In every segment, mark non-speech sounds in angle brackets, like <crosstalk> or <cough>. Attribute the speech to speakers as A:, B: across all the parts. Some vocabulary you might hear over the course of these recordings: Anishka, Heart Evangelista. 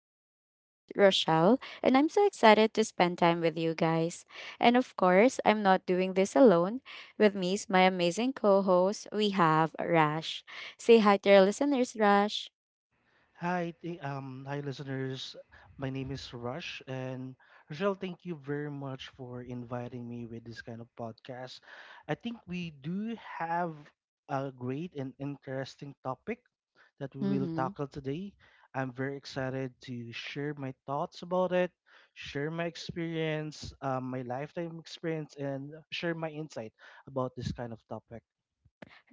A: I'm your host, Rochelle, and I'm so excited to spend time with you guys. And of course, I'm not doing this alone. With me is my amazing co host, we have Rash. Say hi to your listeners, Rash.
B: Hi listeners. My name is Rush, and Rochelle, thank you very much for inviting me with this kind of podcast. I think we do have a great and interesting topic that we will
A: Mm-hmm.
B: tackle today. I'm very excited to share my thoughts about it, share my experience, my lifetime experience, and share my insight about this kind of topic.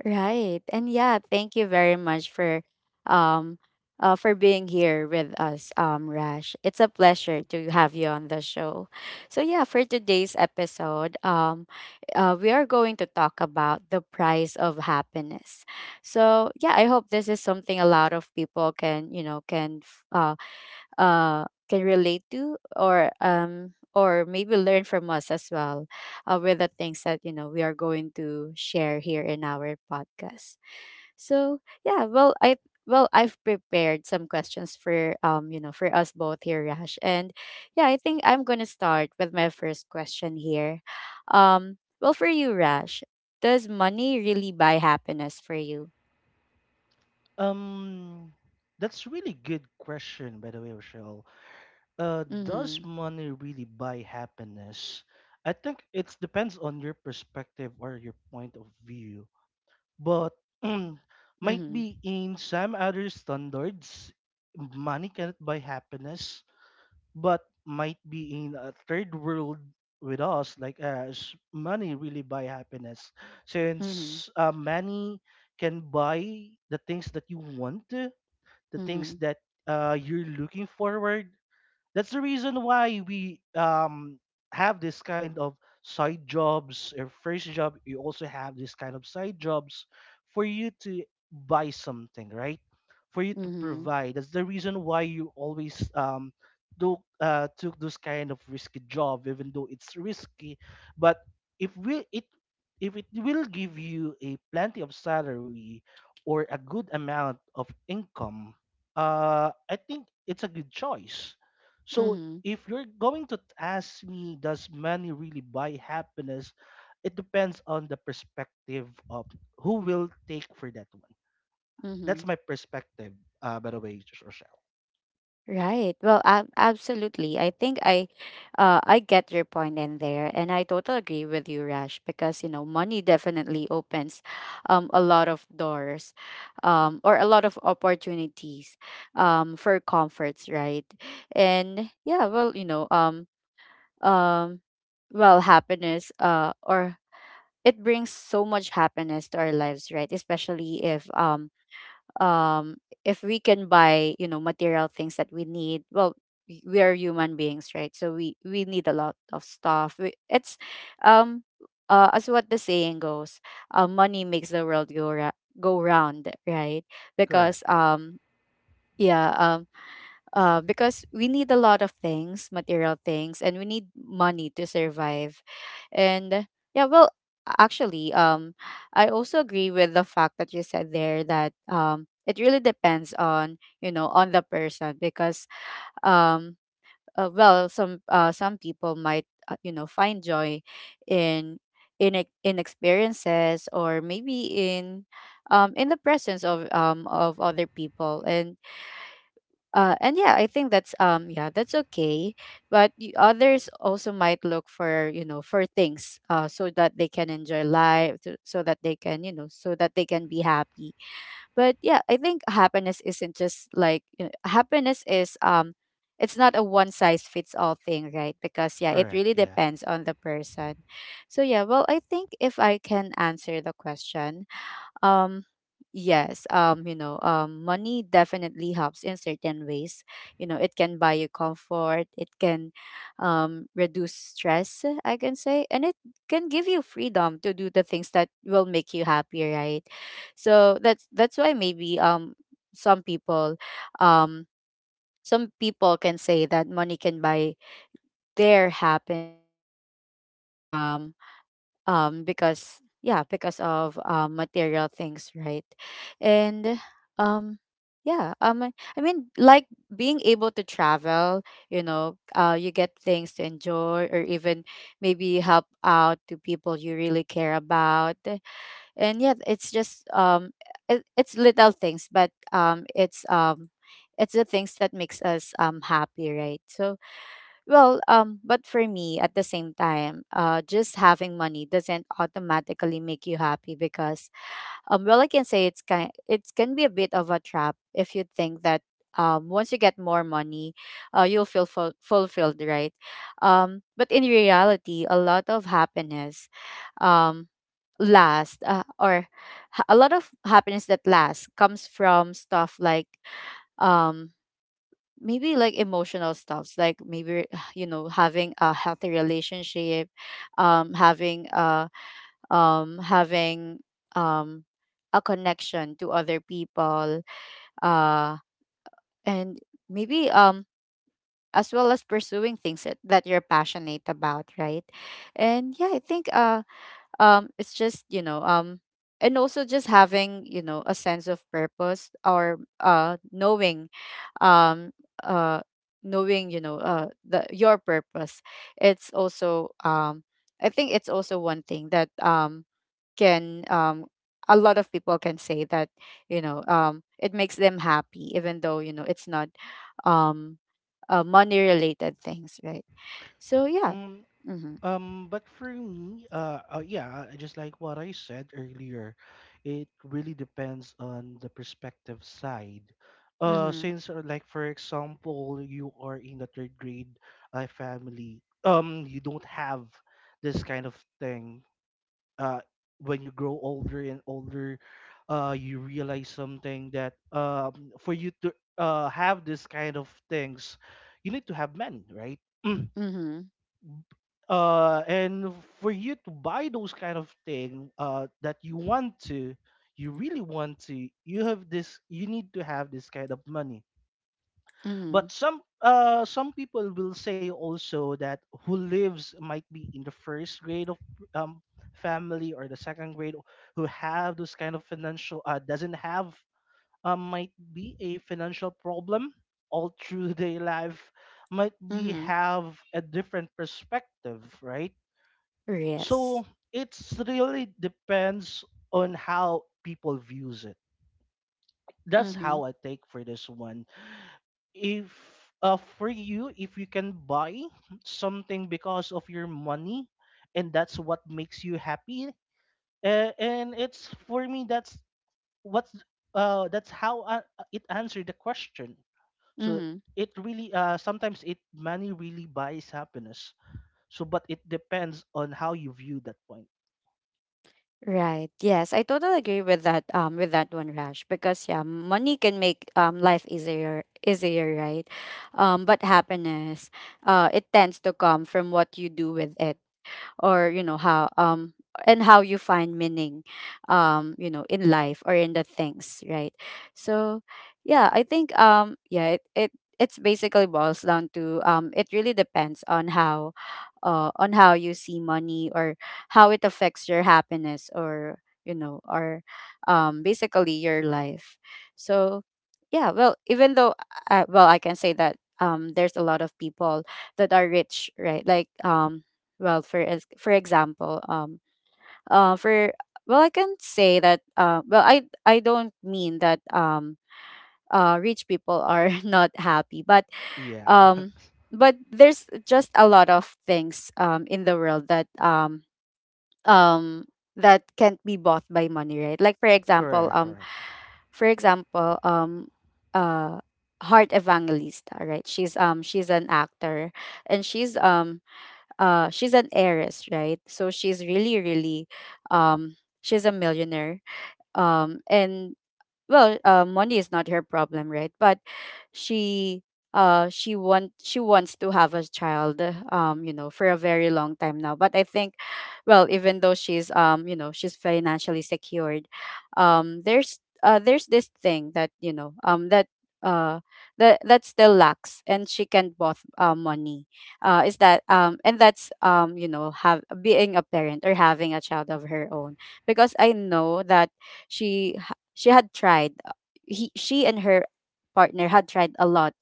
A: Right. And yeah, thank you very much um for being here with us, Rash. It's a pleasure to have you on the show. So yeah, for today's episode, we are going to talk about the price of happiness. So yeah, I hope this is something a lot of people can, you know, can f- can relate to, or maybe learn from us as well, with the things that we are going to share here in our podcast. So yeah well i well, I've prepared some questions for for us both here, Rash. And yeah, I think I'm gonna start with my first question here. Well, for you, Rash, does money really buy happiness for you?
B: Um, that's really good question, by the way, Rochelle. Does
A: Mm-hmm.
B: money really buy happiness? I think it depends on your perspective or your point of view. But <clears throat> mm, might
A: Mm-hmm.
B: be in some other standards, money cannot buy happiness. But might be in a third world with us, like us, money really buy happiness.
A: Mm-hmm.
B: Since money can buy the things that you want, the things
A: Mm-hmm.
B: that you're looking forward, that's the reason why we have this kind of side jobs. Your first job, you also have this kind of side jobs for you to buy something, right? For you to
A: Mm-hmm.
B: provide. That's the reason why you always do took those kind of risky job, even though it's risky. But if we it if it will give you a plenty of salary or a good amount of income, I think it's a good choice. So
A: Mm-hmm.
B: if you're going to ask me, does money really buy happiness? It depends on the perspective of who will take for that one.
A: Mm-hmm.
B: That's my perspective, by the way, Rochelle.
A: Right. Well, absolutely. I think I get your point in there, and I totally agree with you, Rash. Because money definitely opens, a lot of doors, or a lot of opportunities, for comforts, right? And yeah, well, um, well, happiness, or it brings so much happiness to our lives, right? Especially if um we can buy material things that we need. Well, we are human beings, right? So we need a lot of stuff we, it's um as what the saying goes, money makes the world go round, right?
B: Correct,
A: Because um yeah um uh, because we need a lot of things, material things, and we need money to survive. And yeah, well, actually, I also agree with the fact that you said there that it really depends on, on the person. Because um, well, some people might, find joy in in experiences, or maybe in the presence of other people. And yeah, I think that's okay. But others also might look for, for things, so that they can enjoy life to, so that they can be happy. But yeah, I think happiness isn't just like, happiness is it's not a one size fits all thing, right? Because yeah, it
B: correct,
A: really
B: yeah.
A: depends on the person. So yeah, well, I think if I can answer the question, um, yes, money definitely helps in certain ways. It can buy you comfort, it can, reduce stress, I can say, and it can give you freedom to do the things that will make you happy, right? So that's why maybe, some people um some people can say that money can buy their happiness, because um um because yeah because of material things, right. And um yeah um i I mean, like being able to travel, you get things to enjoy, or even maybe help out to people you really care about. And yeah, it's just it's little things, but it's the things that makes us happy, right. So, well, but for me, at the same time, just having money doesn't automatically make you happy, because, well, I can say it can be a bit of a trap if you think that, once you get more money, you'll feel fulfilled, right? But in reality, a lot of happiness, um, last, a lot of happiness that lasts comes from stuff like, um maybe like emotional stuffs, like maybe <sighs> having a healthy relationship, having a having um a connection to other people. Uh and maybe, as well as pursuing things that you're passionate about, right. And yeah, I think, it's just, and also just having, a sense of purpose, or um uh knowing, you know the your purpose. It's also, one thing that, can a lot of people can say, that, it makes them happy, even though, it's not, um money related things, right. So yeah. Mhm.
B: But for me, yeah, just like what I said earlier, it really depends on the perspective side.
A: Mhm.
B: Since like for example, you are in the third grade family, you don't have this kind of thing. Uh, when you grow older and older, you realize something that for you to have this kind of things, you need to have money, right? <clears throat>
A: Mhm.
B: And for you to buy those kind of thing that you want to, you really want to, you have this, you need to have this kind of money. But
A: Mhm.
B: some people will say also that who lives might be in the first grade of um family or the second grade who have those kind of financial doesn't have, might be a financial problem all through <laughs> their life, might be
A: Mhm.
B: have a different perspective, right? So
A: Yes.
B: it's really depends on how people views it. That's
A: Mhm.
B: how I take for this one. If For you, if you can buy something because of your money, and that's what makes you happy, and it's for me that's what's that's how it answered the question. So
A: Mhm.
B: it really sometimes it money really buys happiness. So but it depends on how you view that point.
A: Right. Yes, I totally agree with that one, Rash. Because yeah, money can make life easier, right? But happiness, it tends to come from what you do with it. Or, how you find meaning, in life or in the things, right. So yeah, I think, it's basically boils down to, it really depends on how you see money, or how it affects your happiness, or basically your life. So yeah, well, even though I can say that, there's a lot of people that are rich, right? Like, well, for example, for well, I can say that. Well, I don't mean that. Rich people are <laughs> not happy,
B: Yeah.
A: um,
B: <laughs>
A: but there's just a lot of things, in the world, um that can't be bought by money, right? Like,
B: Correct, correct.
A: for example, uh, Heart Evangelista, right? She's an actor, and she's an heiress, right? So she's really, really, um she's a millionaire. And well, money is not her problem, right? But she she wants to have a child, for a very long time now, but I think, well, even though she's you know she's financially secured, there's this thing that, uh that still lacks, and she can both, money, is that, and that's, have being a parent, or having a child of her own. Because I know that she she had tried, he she and her partner had tried a lot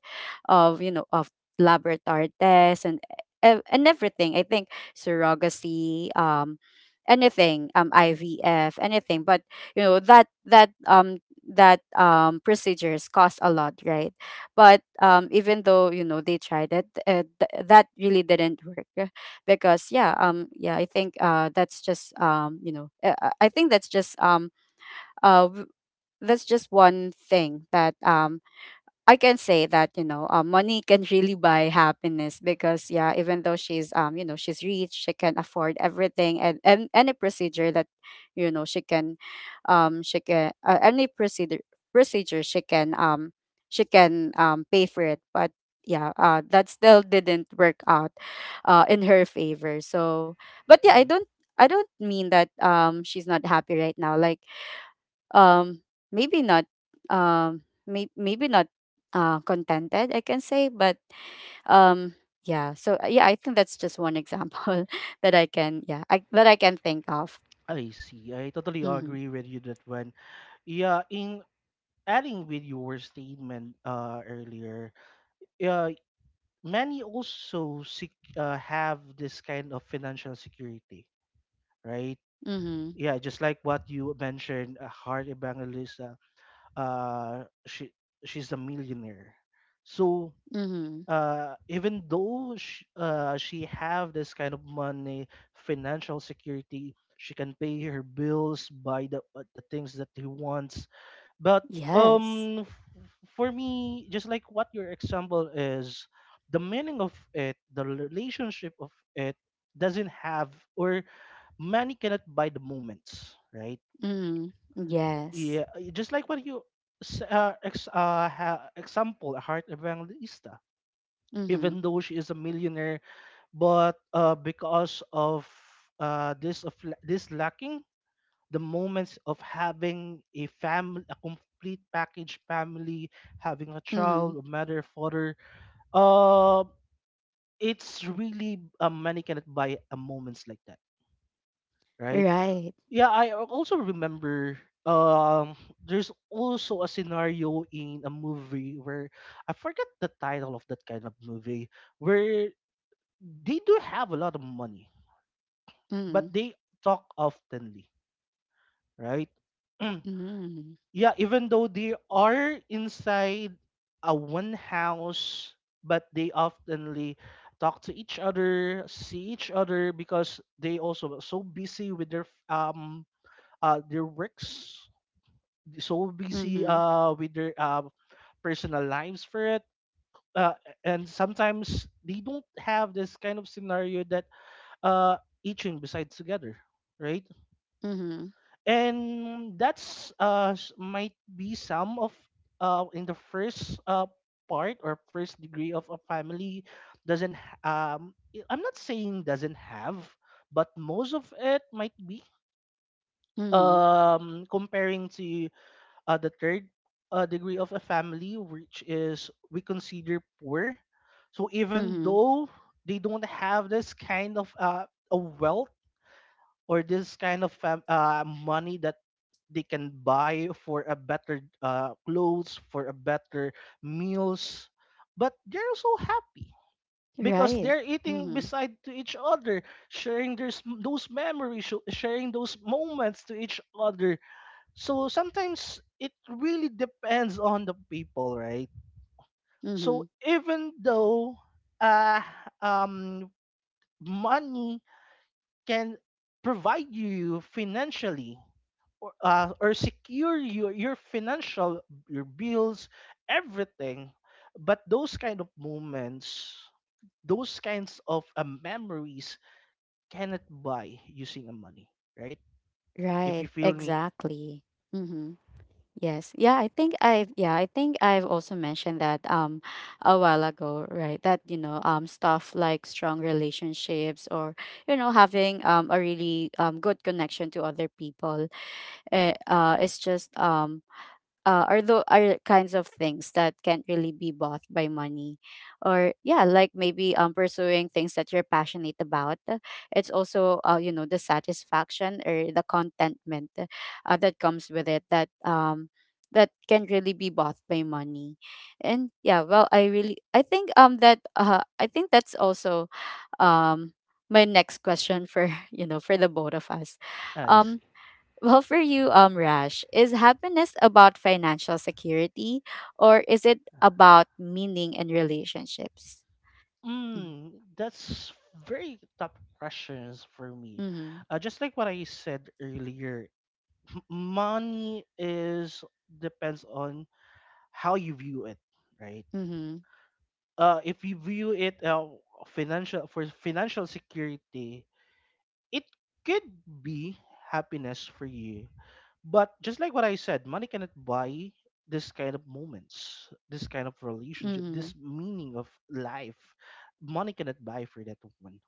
A: of you know of laboratory tests, and everything, I think, surrogacy, anything, ivf, anything. But, that that that procedures cost a lot, right. But, even though, they tried it, that really didn't work, because yeah, I think, that's just you know I think uh that's just one thing that, I can say that, money can really buy happiness. Because yeah, even though she's you know she's rich, she can afford everything, and any procedure that, you know she can she can any procedure, she can pay for it. But yeah, that still didn't work out, in her favor. So but yeah, I don't
B: Hmm.
A: I don't mean that, she's not happy right now. Like, um maybe not, um maybe not, contented, I can say, but, um yeah. So, I think that's just one example <laughs> that I can yeah I, that I can think of.
B: I see. I totally
A: Mm-hmm.
B: agree with you that one. Yeah, in adding with your statement earlier, uh, many also have this kind of financial security, right?
A: Mm-hmm.
B: Yeah, just like what you mentioned, Heart Evangelista, uh, uh, she she's a millionaire. So
A: Mm-hmm.
B: even though she have this kind of money, financial security, she can pay her bills, buy the things that he wants. But
A: Yes.
B: for me, just like what your example is, the meaning of it, the relationship of it doesn't have, or money cannot buy the moments, right?
A: Mm-hmm. Yes.
B: Yeah, just like what you example, a Heart Evangelista.
A: Mm-hmm.
B: Even though she is a millionaire, but because of this lacking the moments of having a family, a complete package family, having a
A: Mm-hmm.
B: child, a mother, father, uh, it's really, money cannot buy a moments like that, right?
A: Right.
B: I also remember um there's also a scenario in a movie where I forget the title of that kind of movie, where they do have a lot of money,
A: Mm-hmm.
B: but they talk oftenly, right? Mm.
A: Mm-hmm.
B: Yeah, even though they are inside a one house, but they oftenly talk to each other, see each other, because they also are so busy with their works, so busy
A: Mm-hmm.
B: with their personal lives for it. Uh, and sometimes they don't have this kind of scenario that uh each in beside together, right?
A: Mm-hmm.
B: And that's might be some of in the first part or first degree of a family doesn't I'm not saying doesn't have, but most of it might be,
A: Mm-hmm.
B: comparing to the third degree of a family, which is we consider poor. So even
A: Mm-hmm.
B: though they don't have this kind of a wealth or this kind of money that they can buy for a better clothes, for a better meals, but they're so happy because
A: Right.
B: they're eating
A: Mm-hmm.
B: beside to each other, sharing their, those memories, sharing those moments to each other. So sometimes it really depends on the people, right?
A: Mm-hmm.
B: So even though uh, um, money can provide you financially, or or secure your financial, your bills, everything, but those kind of moments, those kinds of memories cannot buy using a money, right? If
A: Right,
B: you feel me.
A: exactly. Mm-hmm. Yes. Yeah, I think I've, also mentioned that, a while ago, right? That, stuff like strong relationships, or, having a really, good connection to other people. It's just, are kinds of things that can't really be bought by money, or yeah, like maybe, pursuing things that you're passionate about. It's also, the satisfaction or the contentment, that comes with it, that can really be bought by money. And yeah, well, I think, that's also, um my next question for <laughs> for the both of us.
B: Ah, I
A: um
B: see.
A: well, for you, Rash, is happiness about financial security, or is it about meaning and relationships? Mm.
B: Mm, that's very tough questions for me.
A: Mm-hmm.
B: Just like what I said earlier, money is depends on how you view it, right? If you view it financial for financial security, it could be happiness for you. But just like what I said, money cannot buy this kind of moments, this kind of relationship,
A: Mm-hmm.
B: this meaning of life. Money cannot buy for that one.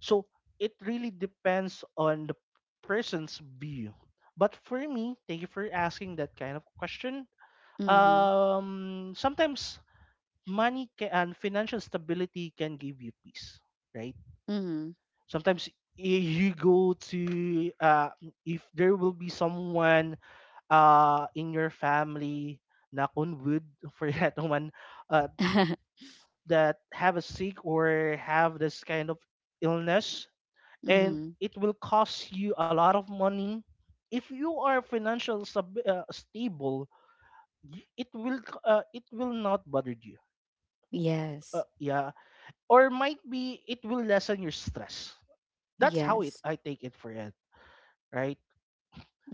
B: So it really depends on the person's view. But for me, thank you for asking that kind of question.
A: Mm-hmm. Mm-hmm.
B: Sometimes money and financial stability can give you peace, right?
A: Mm-hmm.
B: Sometimes you go to if there will be someone in your family, knock on wood <laughs> for that one, uh, that have a sick or have this kind of illness,
A: <laughs>
B: and
A: Mm-hmm.
B: it will cost you a lot of money. If you are financial stable, it will not bother you.
A: Yes.
B: Yeah, or might be it will lessen your stress. That's how it
A: Yes.
B: I take it for it, right?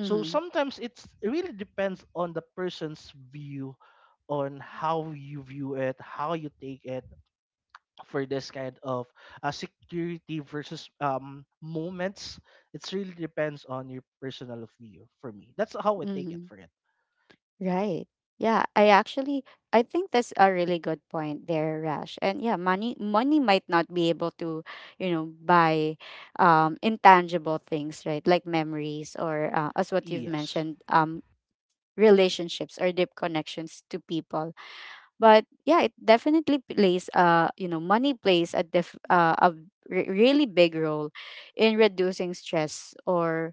B: So sometimes it really depends on the person's view, on how you view it, how you take it for this kind of security versus moments. It really depends on your personal view. For me, that's how I take it
A: Mm-hmm.
B: for it.
A: Right. Yeah, I think that's a really good point there, Rash. And yeah, money might not be able to, buy intangible things, right? Like memories or as what you've
B: Yes.
A: mentioned, relationships or deep connections to people. But yeah, it definitely plays money plays a really big role in reducing stress,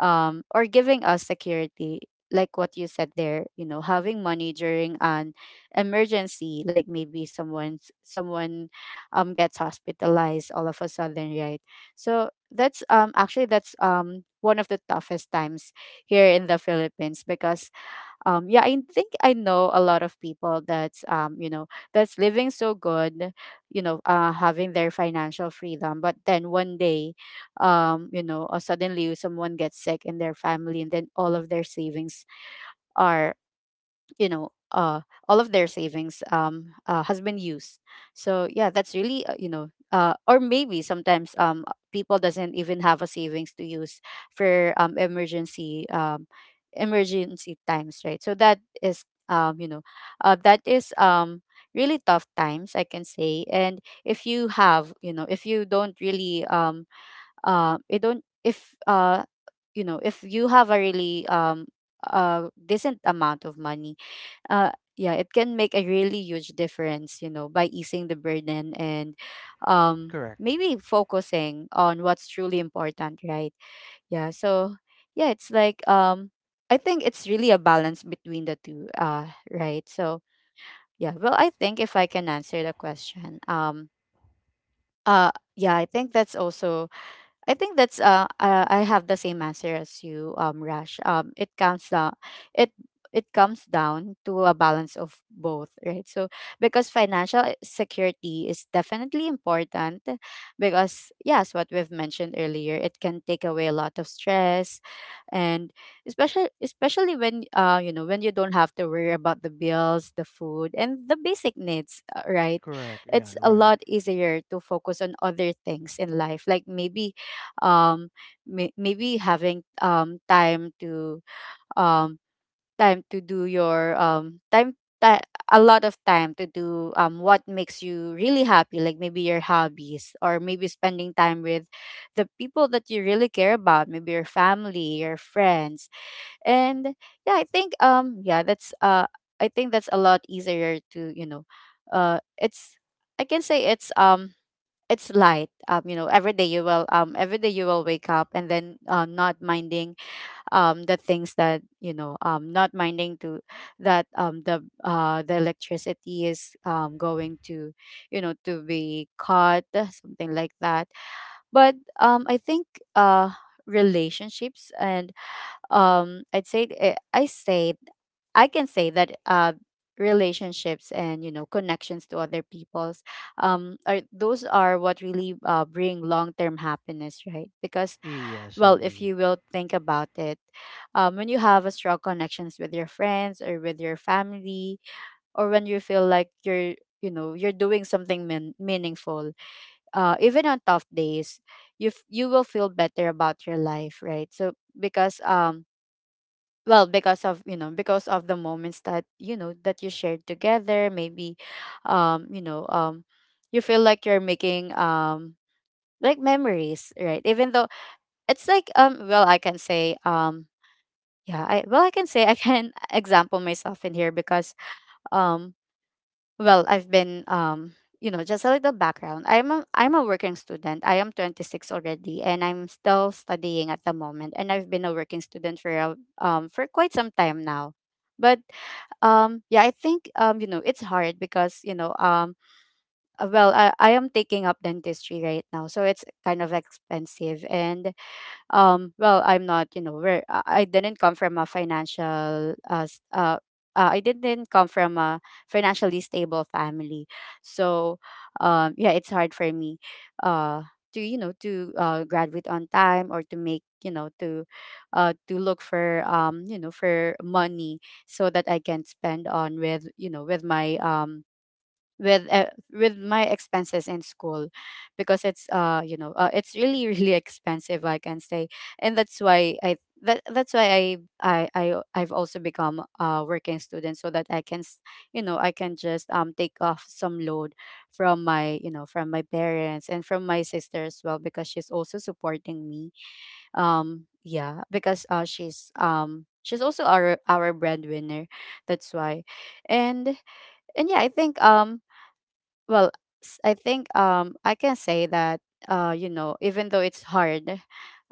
A: or giving us security, like what you said there. You know, having money during an emergency, like maybe someone gets hospitalized all of a sudden, right? So that's actually that's one of the toughest times here in the Philippines, because yeah, I think I know a lot of people that's that's living so good, you know, having their financial freedom. But then one day, suddenly someone gets sick in their family, and then all of their savings are, you know uh all of their savings has been used. So yeah, that's really, or maybe sometimes people doesn't even have a savings to use for emergency, emergency times, right? So that is, that is really tough times, I can say. And if you have, you know, if you don't really you don't, if you know, if you have a really decent amount of money, uh yeah, it can make a really huge difference, you know, by easing the burden and
B: Correct.
A: maybe focusing on what's truly important, right? Yeah, so yeah, it's like I think it's really a balance between the two, right? So yeah, well, I think if I can answer the question, yeah, I think that's also I think that's I have the same answer as you, Rash. It counts down, it it comes down to a balance of both, right? So because security is definitely important, because yes, what we've mentioned earlier, it can take away a lot of stress. And especially when, you know, when you don't have to worry about the bills, the food and the basic needs, right?
B: Correct. Yeah,
A: It's a
B: right.
A: lot easier to focus on other things in life, like maybe, um maybe having um time to do your, ti- a lot of time to do what makes you really happy, like maybe your hobbies, or maybe spending time with the people that you really care about, maybe your family, your friends. And yeah, I think, yeah, that's I think that's a lot easier to, you know, it's I can say it's light, you know, every day you will wake up and then, not minding the things that, not minding to, that the electricity is going to, you know, to be cut, something like that. But I think, uh relationships and, I say, I can say that, relationships and, you know, connections to other people's, are, those are what really bring long-term happiness, right? Because,
B: Yes, I
A: well, if you
B: agree.
A: will think about it, when you have a strong connections with your friends or with your family, or when you feel like you're, you know, you're doing something meaningful, even on tough days, you will feel better about your life, right? So because well, because of, you know, because of the moments that, you know, that you shared together, maybe, um you know um you feel like you're making, like memories, right? Even though it's like, well, I can say, yeah, I can say I can <laughs> example myself in here, because um well, I've been, you know, just a little background, I'm a working student, I am 26 already, and I'm still studying at the moment, and I've been a working student for a, for quite some time now. But yeah, I think, you know, it's hard because, you know, well, I am taking up dentistry right now, so it's kind of expensive. And well, I'm not, you know where I didn't come from a financial, I didn't come from a financially stable family, so yeah, it's hard for me, uh, to, you know, to graduate on time, or to make, you know, to look for, you know, for money, so that I can spend on with, you know, with my, with my expenses in school, because it's you know, it's really <laughs> really expensive, I can say. And that's why I've also become a working student, so that I can you know, I can just take off some load from my, you know, from my parents and from my sister as well, because she's also supporting me, yeah, because she's also our breadwinner, that's why. and and yeah, I think, well, I think, I can say that, you know, even though it's hard,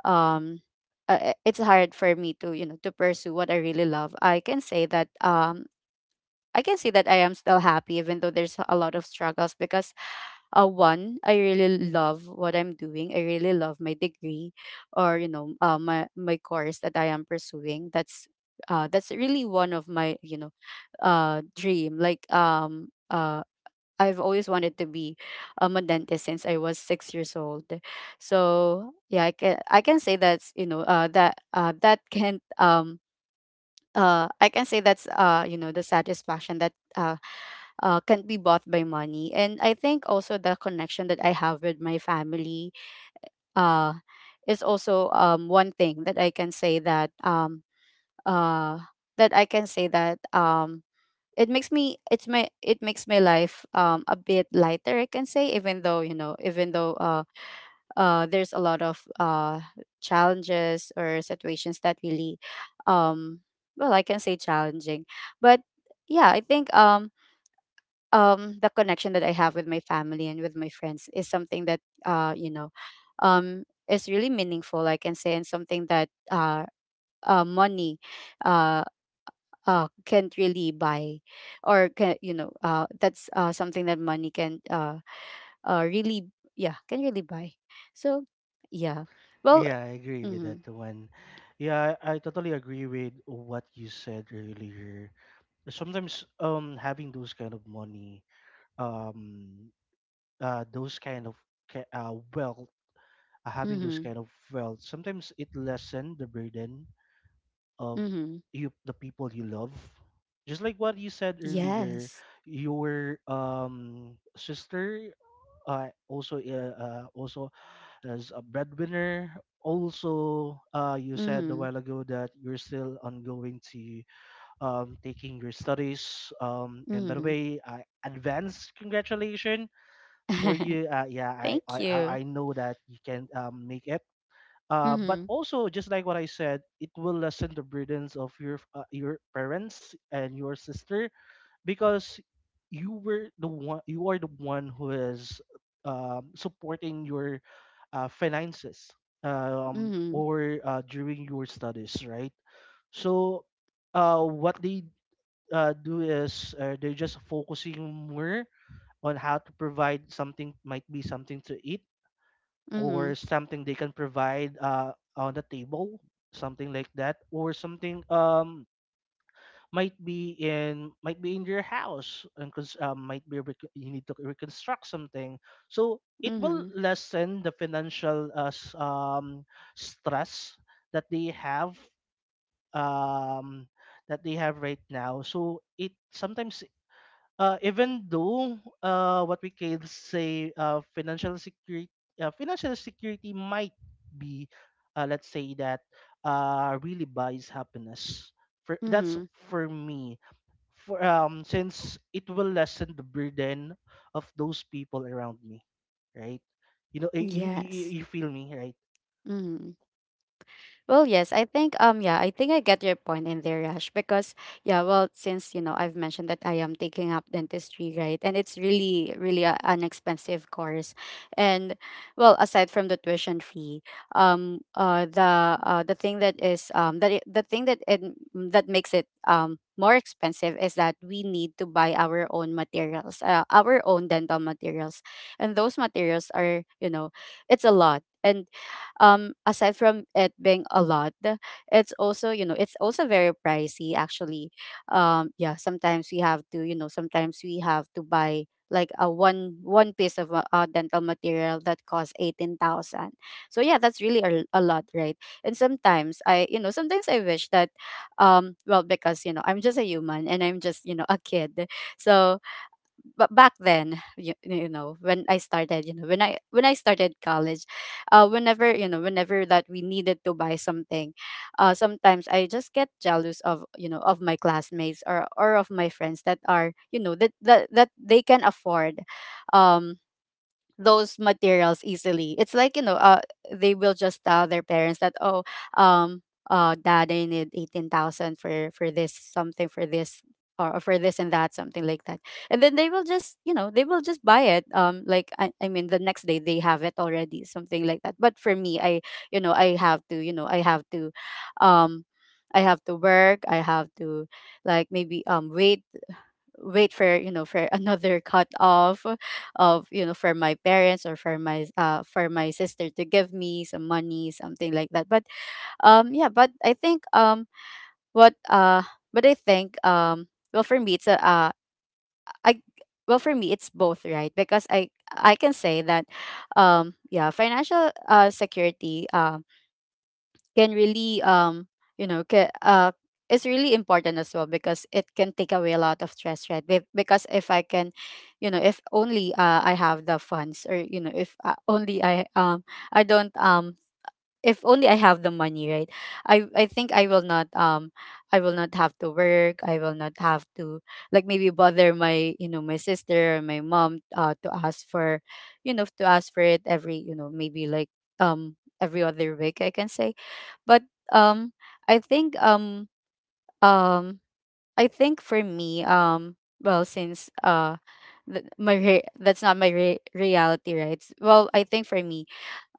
A: um it's hard for me to, you know, to pursue what I really love. I can say that, I am still happy, even though there's a lot of struggles, because one, I really love what I'm doing. I really love my degree, or, you know, my course that I am pursuing. That's, that's really one of my, you know, dream, like, I've always wanted to be, a dentist since I was 6 years old. So yeah, I can say that's you know that that can I can say that's, you know, the satisfaction that, can't be bought by money. And I think also the connection that I have with my family, uh is also, one thing that I can say that, uh that I can say that, it makes me it's my it makes my life a bit lighter, I can say, even though, you know, even though, there's a lot of challenges or situations that really, um well, I can say, challenging. But yeah, I think, the connection that I have with my family and with my friends is something that, you know, is really meaningful, I can say, and something that, money, uh can't really buy. Or can, you know, that's, something that money can, really, yeah, can really buy. So yeah, well,
B: Yeah, I agree with
A: mm-hmm,
B: that one. Yeah, I totally agree with what you said earlier. Sometimes having those kind of money, um those kind of wealth, having those
A: mm-hmm,
B: kind of wealth, sometimes it lessen the burden of
A: mm-hmm.
B: you the people you love. Just like what you said earlier,
A: Yes.
B: your sister, uh, also also as a breadwinner. Also, you said a
A: mm-hmm,
B: while ago that you're still ongoing to taking your studies. And by the
A: mm-hmm.
B: way, I advance congratulations for
A: <laughs>
B: you. Yeah,
A: Thank you.
B: I know that you can make it. But
A: Mm-hmm,
B: also, just like what I said, it will lessen the burdens of your parents and your sister, because you are the one who is supporting your finances,
A: mm-hmm,
B: or during your studies, right? So what they do is they're just focusing more on how to provide something, might be something to eat,
A: mm-hmm,
B: or something they can provide on the table, something like that, or something, might be in, might be in your house, and might be you need to reconstruct something. So it will
A: mm-hmm,
B: lessen the financial stress that they have, um, that they have right now. So it sometimes, even though what we can say, financial security, financial security might be let's say that really buys happiness for, that's
A: mm-hmm.
B: for me, for since it will lessen the burden of those people around me, right? You know, you
A: Yes.
B: you feel me, right?
A: mm-hmm. Well, yes, I think, yeah, I think I get your point in there, Yash. Because yeah, well, since, you know, I've mentioned that I am taking up dentistry, right? And it's really, really a, an expensive course. And well, aside from the tuition fee, the thing that is the thing that it, that makes it more expensive is that we need to buy our own materials, our own dental materials. And those materials are, you know, it's a lot. And aside from it being a lot, it's also, you know, it's also very pricey, actually. Yeah, sometimes we have to, you know, sometimes we have to buy like a one piece of dental material that costs 18,000. So yeah, that's really a lot, right? And sometimes I you know, sometimes I wish that, well, because, you know, I'm just a human, and I'm just, you know, a kid. So but back then, you know, when I started, you know, when I started college, whenever, you know, whenever that we needed to buy something, sometimes I just get jealous of, you know, of my classmates, or of my friends that are, you know, that they can afford, um those materials easily. It's like, you know, they will just tell their parents that, oh, um, dad, I need 18,000 for this, something for this, or for this and that, something like that. And then they will just, you know, they will just buy it. Like, I mean, the next day they have it already, something like that. But for me, you know, I have to, you know, um, I have to work. I have to, like maybe wait for for another <laughs> cut off of for my parents or for my sister to give me some money, something like that. But I think what but I think, well, for me it's a I well for me it's both, right? Because I can say that, yeah, financial security can really you know ca- uh is really important as well, because it can take away a lot of stress, right? Because if I can, if only, I have the funds, or if only I I don't if only I have the money, right? I think I will not have to work. I will not have to, like, maybe bother my, my sister or my mom, to ask for, to ask for it every, maybe like, every other week, I can say, but um I think um um I think for me, well, since that's not my reality, right? Well, I think for me,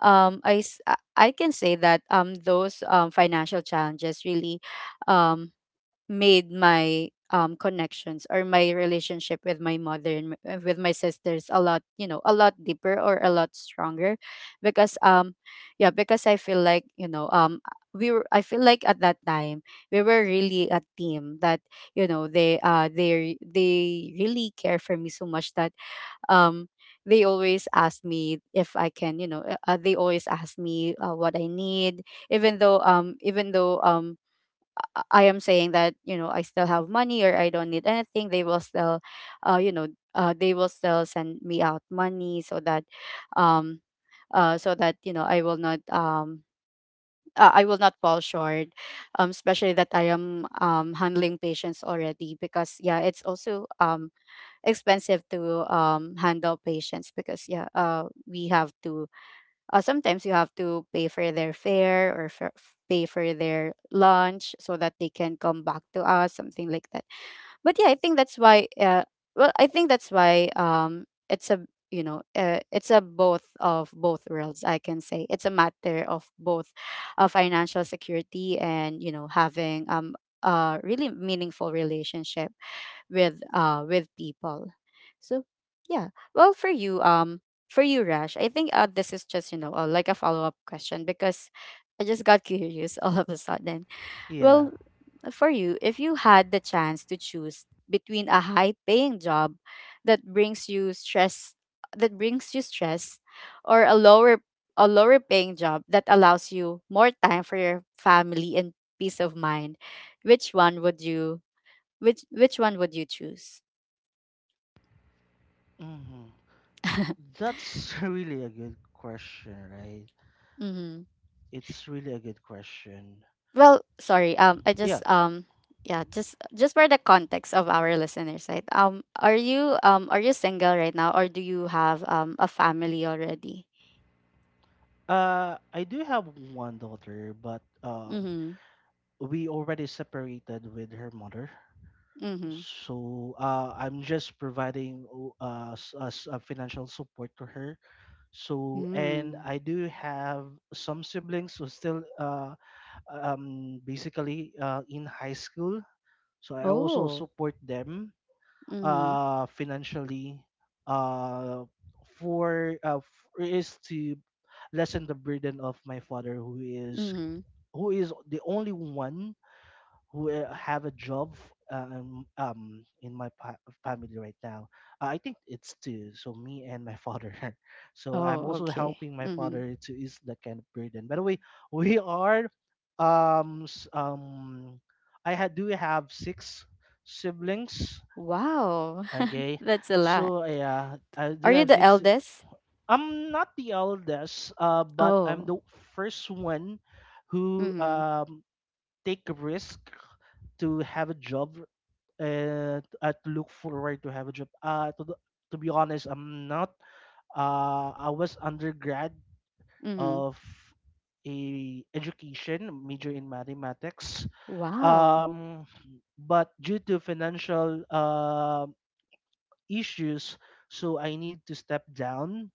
A: I s- I can say that, those, financial challenges really um made my connections or my relationship with my mother and with my sisters a lot, a lot deeper or a lot stronger, because yeah, because I feel like, you know we were I feel like at that time we were really a team, that, they, they really care for me so much that, um they always ask me if I can, they always ask me, what I need. Even though, even though, I am saying that, I still have money or I don't need anything, they will still, uh you know they will still send me out money, so that, um so that, I will not, I will not fall short, especially that I am, handling patients already, because yeah, it's also expensive to handle patients, because yeah, we have to, sometimes you have to pay for their fare, or for, pay for their lunch so that they can come back to us, something like that. But yeah, I think that's why, well, I think that's why it's a, it's a both of both worlds, I can say. It's a matter of both financial security and, having, a really meaningful relationship with people. So, yeah. Well, for you, for you, Rash, I think, this is just, like a follow-up question, because I just got <laughs> curious all of a sudden.
B: Yeah.
A: Well, for you, if you had the chance to choose between a high paying job that brings you stress that brings you stress, or a lower paying job that allows you more time for your family and peace of mind, which one would you, which one would you choose?
B: Hmm.
A: <laughs>
B: That's <laughs> really a good question, right?
A: Mm-hmm.
B: It's really a good question.
A: Well,
B: So
A: sorry. I
B: yeah,
A: just yeah, just for the context of our listeners, right? Are you, are you single right now, or do you have a family already?
B: I do have one daughter, but
A: Mm-hmm.
B: we already separated with her mother.
A: Mm-hmm.
B: So I'm just providing financial support to her. So, and
A: Mm-hmm.
B: I do have some siblings who still basically in high school. So I also
A: Oh.
B: support them
A: Mm-hmm.
B: financially, uh, is to lessen the burden of my father, who is,
A: Mm-hmm.
B: who is the only one who have a job in my family right now. I think it's two, so me and my father. <laughs> So I'm
A: Oh,
B: also
A: okay.
B: helping my
A: Mm-hmm.
B: father to ease that kind of burden. By the way, we are um s- um I had do have six siblings.
A: Wow, <laughs>
B: Okay,
A: that's a lot.
B: so yeah, I
A: Are
B: do
A: you
B: have
A: the
B: six.
A: eldest?
B: I'm not the eldest, but I'm
A: Oh.
B: the first one who
A: Mm-hmm.
B: take a risk to have a job and to look forward to have a job. To be honest, I'm not. I was undergrad
A: Mm-hmm.
B: of a education major in mathematics.
A: Wow.
B: Um, but due to financial issues, so I need to step down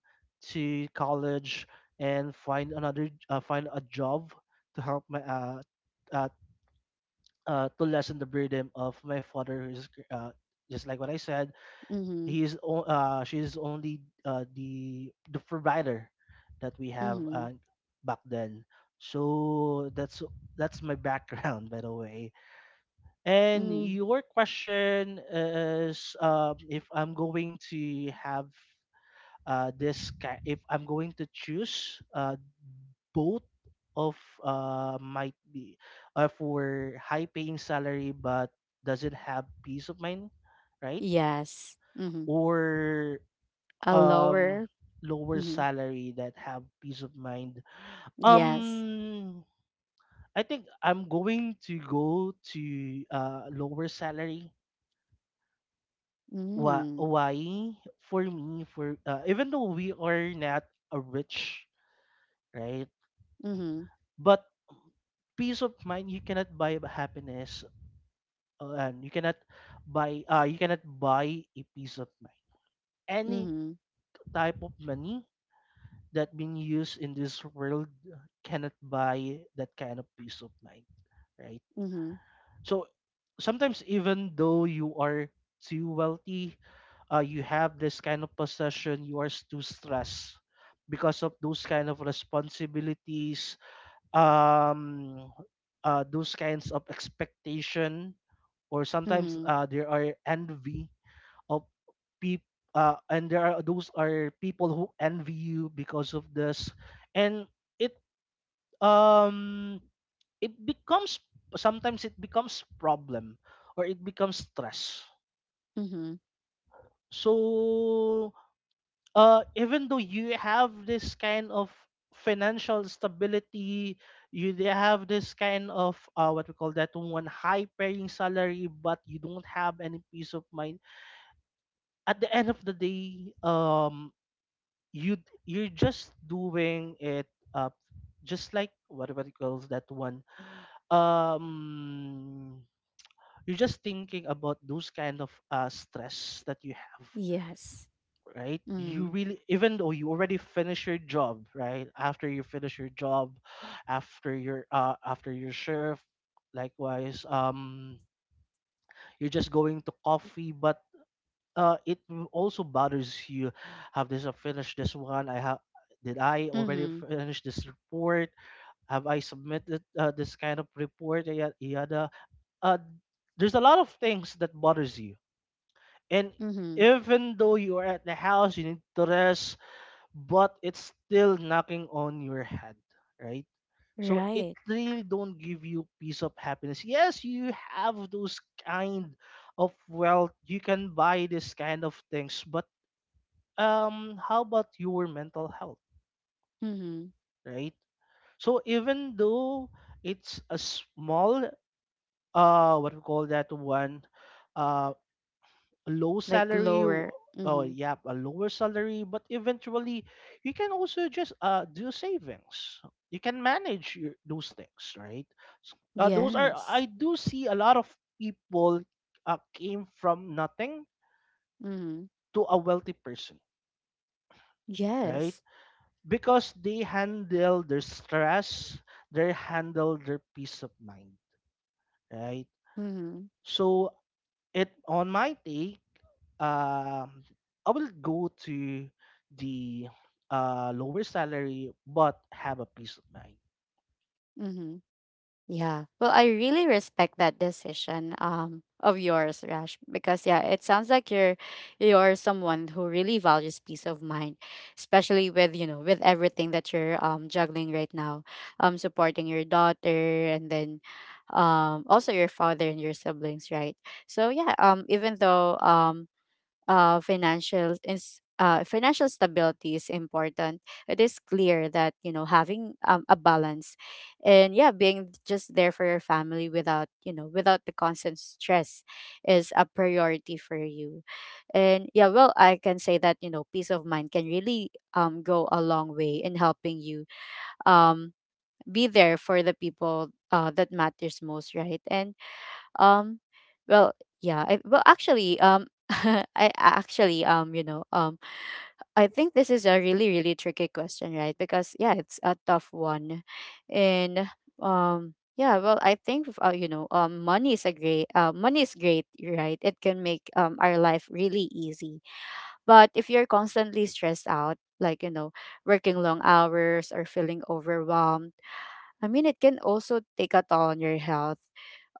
B: to college and find another find a job to help my uh, to lessen the burden of my father who is just like what I said,
A: Mm-hmm.
B: she is only the provider that we have,
A: Mm-hmm.
B: back then. So that's my background, by the way. And
A: Mm-hmm.
B: your question is, if I'm going to have if I'm going to choose, both of might be, for high paying salary but doesn't have peace of mind, right?
A: Yes. Mm-hmm.
B: Or
A: A
B: um
A: lower.
B: lower
A: Mm-hmm,
B: salary that have peace of mind.
A: yes.
B: um I think I'm going to go to lower salary. Why,
A: Mm.
B: why? For me, for even though we are not a rich, right?
A: Mhm.
B: But peace of mind, you cannot buy a happiness, and you cannot buy a peace of mind. Any
A: Mhm.
B: type of money that being used in this world cannot buy that kind of peace of mind, right?
A: Mhm.
B: So sometimes even though you are too wealthy, you have this kind of possession, you are too stressed because of those kind of responsibilities, um, those kinds of expectation, or sometimes
A: Mhm.
B: there are envy of people, and there are those are people who envy you because of this, and it um it becomes, sometimes it becomes problem or it becomes stress.
A: Mhm.
B: So even though you have this kind of financial stability, you they have this kind of what we call that one, high paying salary but you don't have any peace of mind. At the end of the day, you you're just doing it, uh just like what it calls that one. um you're just thinking about those kind of stress that you have,
A: Yes.
B: right? You
A: Mm.
B: really even though you already finish your job, right after you finish your job, after your shift, likewise, you're just going to coffee but it also bothers you. Have this finished this one, I have, did I already
A: Mhm.
B: finish this report, have I submitted, this kind of report, yada yada yada. uh there's a lot of things that bothers you. And
A: Mhm.
B: even though you are at the house, you need to rest, but it's still knocking on your head, right? So it
A: Right.
B: really don't give you peace of happiness. Yes, you have those kind of wealth. You can buy this kind of things, but how about your mental health,
A: Mhm.
B: right? So even though it's a small, what we call that one, uh, a low
A: Like
B: salary
A: lower.
B: oh
A: Mhm.
B: yeah, a lower salary but eventually you can also just do savings, you can manage your, those things, right? Those are,
A: Yes.
B: I do see a lot of people, came from nothing
A: Mhm.
B: to a wealthy person, right?
A: Yes.
B: Because they handle their stress, they handle their peace of mind, right?
A: Mhm.
B: So it on my take, um, I will go to the lower salary but have a peace of mind.
A: Mhm. Yeah. Well, I really respect that decision of yours, Rash, because yeah, it sounds like you're someone who really values peace of mind, especially with, you know, with everything that you're juggling right now. Supporting your daughter, and then also your father and your siblings, right? So yeah, even though financial is, financial stability is important. It is clear that, you know, having, a balance, and yeah, being just there for your family without, you know, without the constant stress, is a priority for you. And yeah, well, I can say that, you know, peace of mind can really go a long way in helping you um be there for the people that matters most, right? And um, well, yeah. <laughs> I actually, you know, I think this is a really, really tricky question, right? Because yeah, it's a tough one, and yeah. Well, I think, money is a great, money is great, right? It can make our life really easy, but if you're constantly stressed out, like, you know, working long hours or feeling overwhelmed, I mean, it can also take a toll on your health,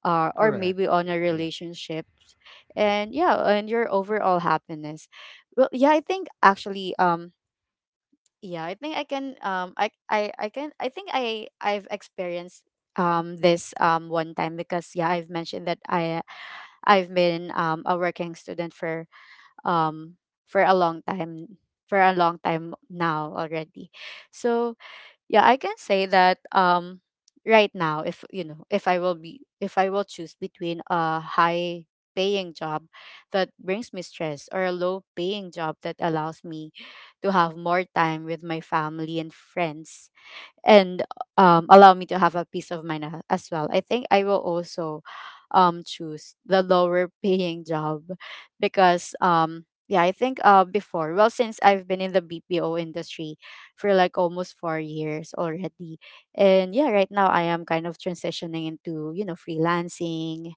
A: or
B: Correct.
A: maybe on a
B: Yeah.
A: relationships, and yeah, and your overall happiness. Well yeah, I think actually yeah, I think I can, I can, I think I I've experienced this one time, because yeah, I've mentioned that I I've been a working student um for a long time, now already. So yeah, I can say that right now, if, you know, if I will be if I will choose between a high paying job that brings me stress, or a low paying job that allows me to have more time with my family and friends, and allow me to have a peace of mind as well, I think I will also choose the lower paying job, because yeah, I think, before well since I've been in the BPO industry for like almost 4 years already, and yeah, right now I am kind of transitioning into, you know, freelancing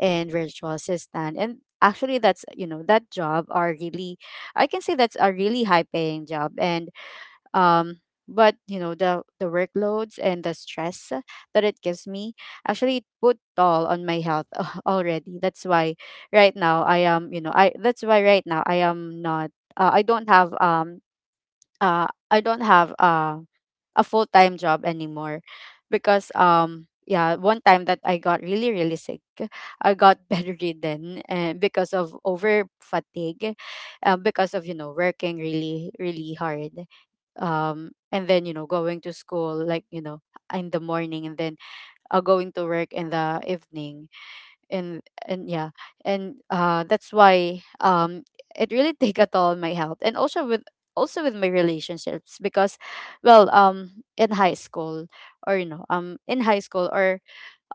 A: and virtual assistant and. Actually, that's, you know, that job are really, I can say that's a really high paying job, and um but you know, the workloads and the stress that it gives me, actually it put toll on my health <laughs> already. That's why right now I am, you know I that's why right now I am not, uh, i don't have um I don't have, a full-time job anymore, because yeah, one time that I got really, really sick, I got <laughs> bedridden and because of over fatigue, because of, you know, working really, really hard and then, you know, going to school, like, you know, in the morning, and then going to work in the evening. And yeah, and that's why it really <laughs> take a toll on my health, and also with, also with my relationships, because, well in high school or you know in high school, or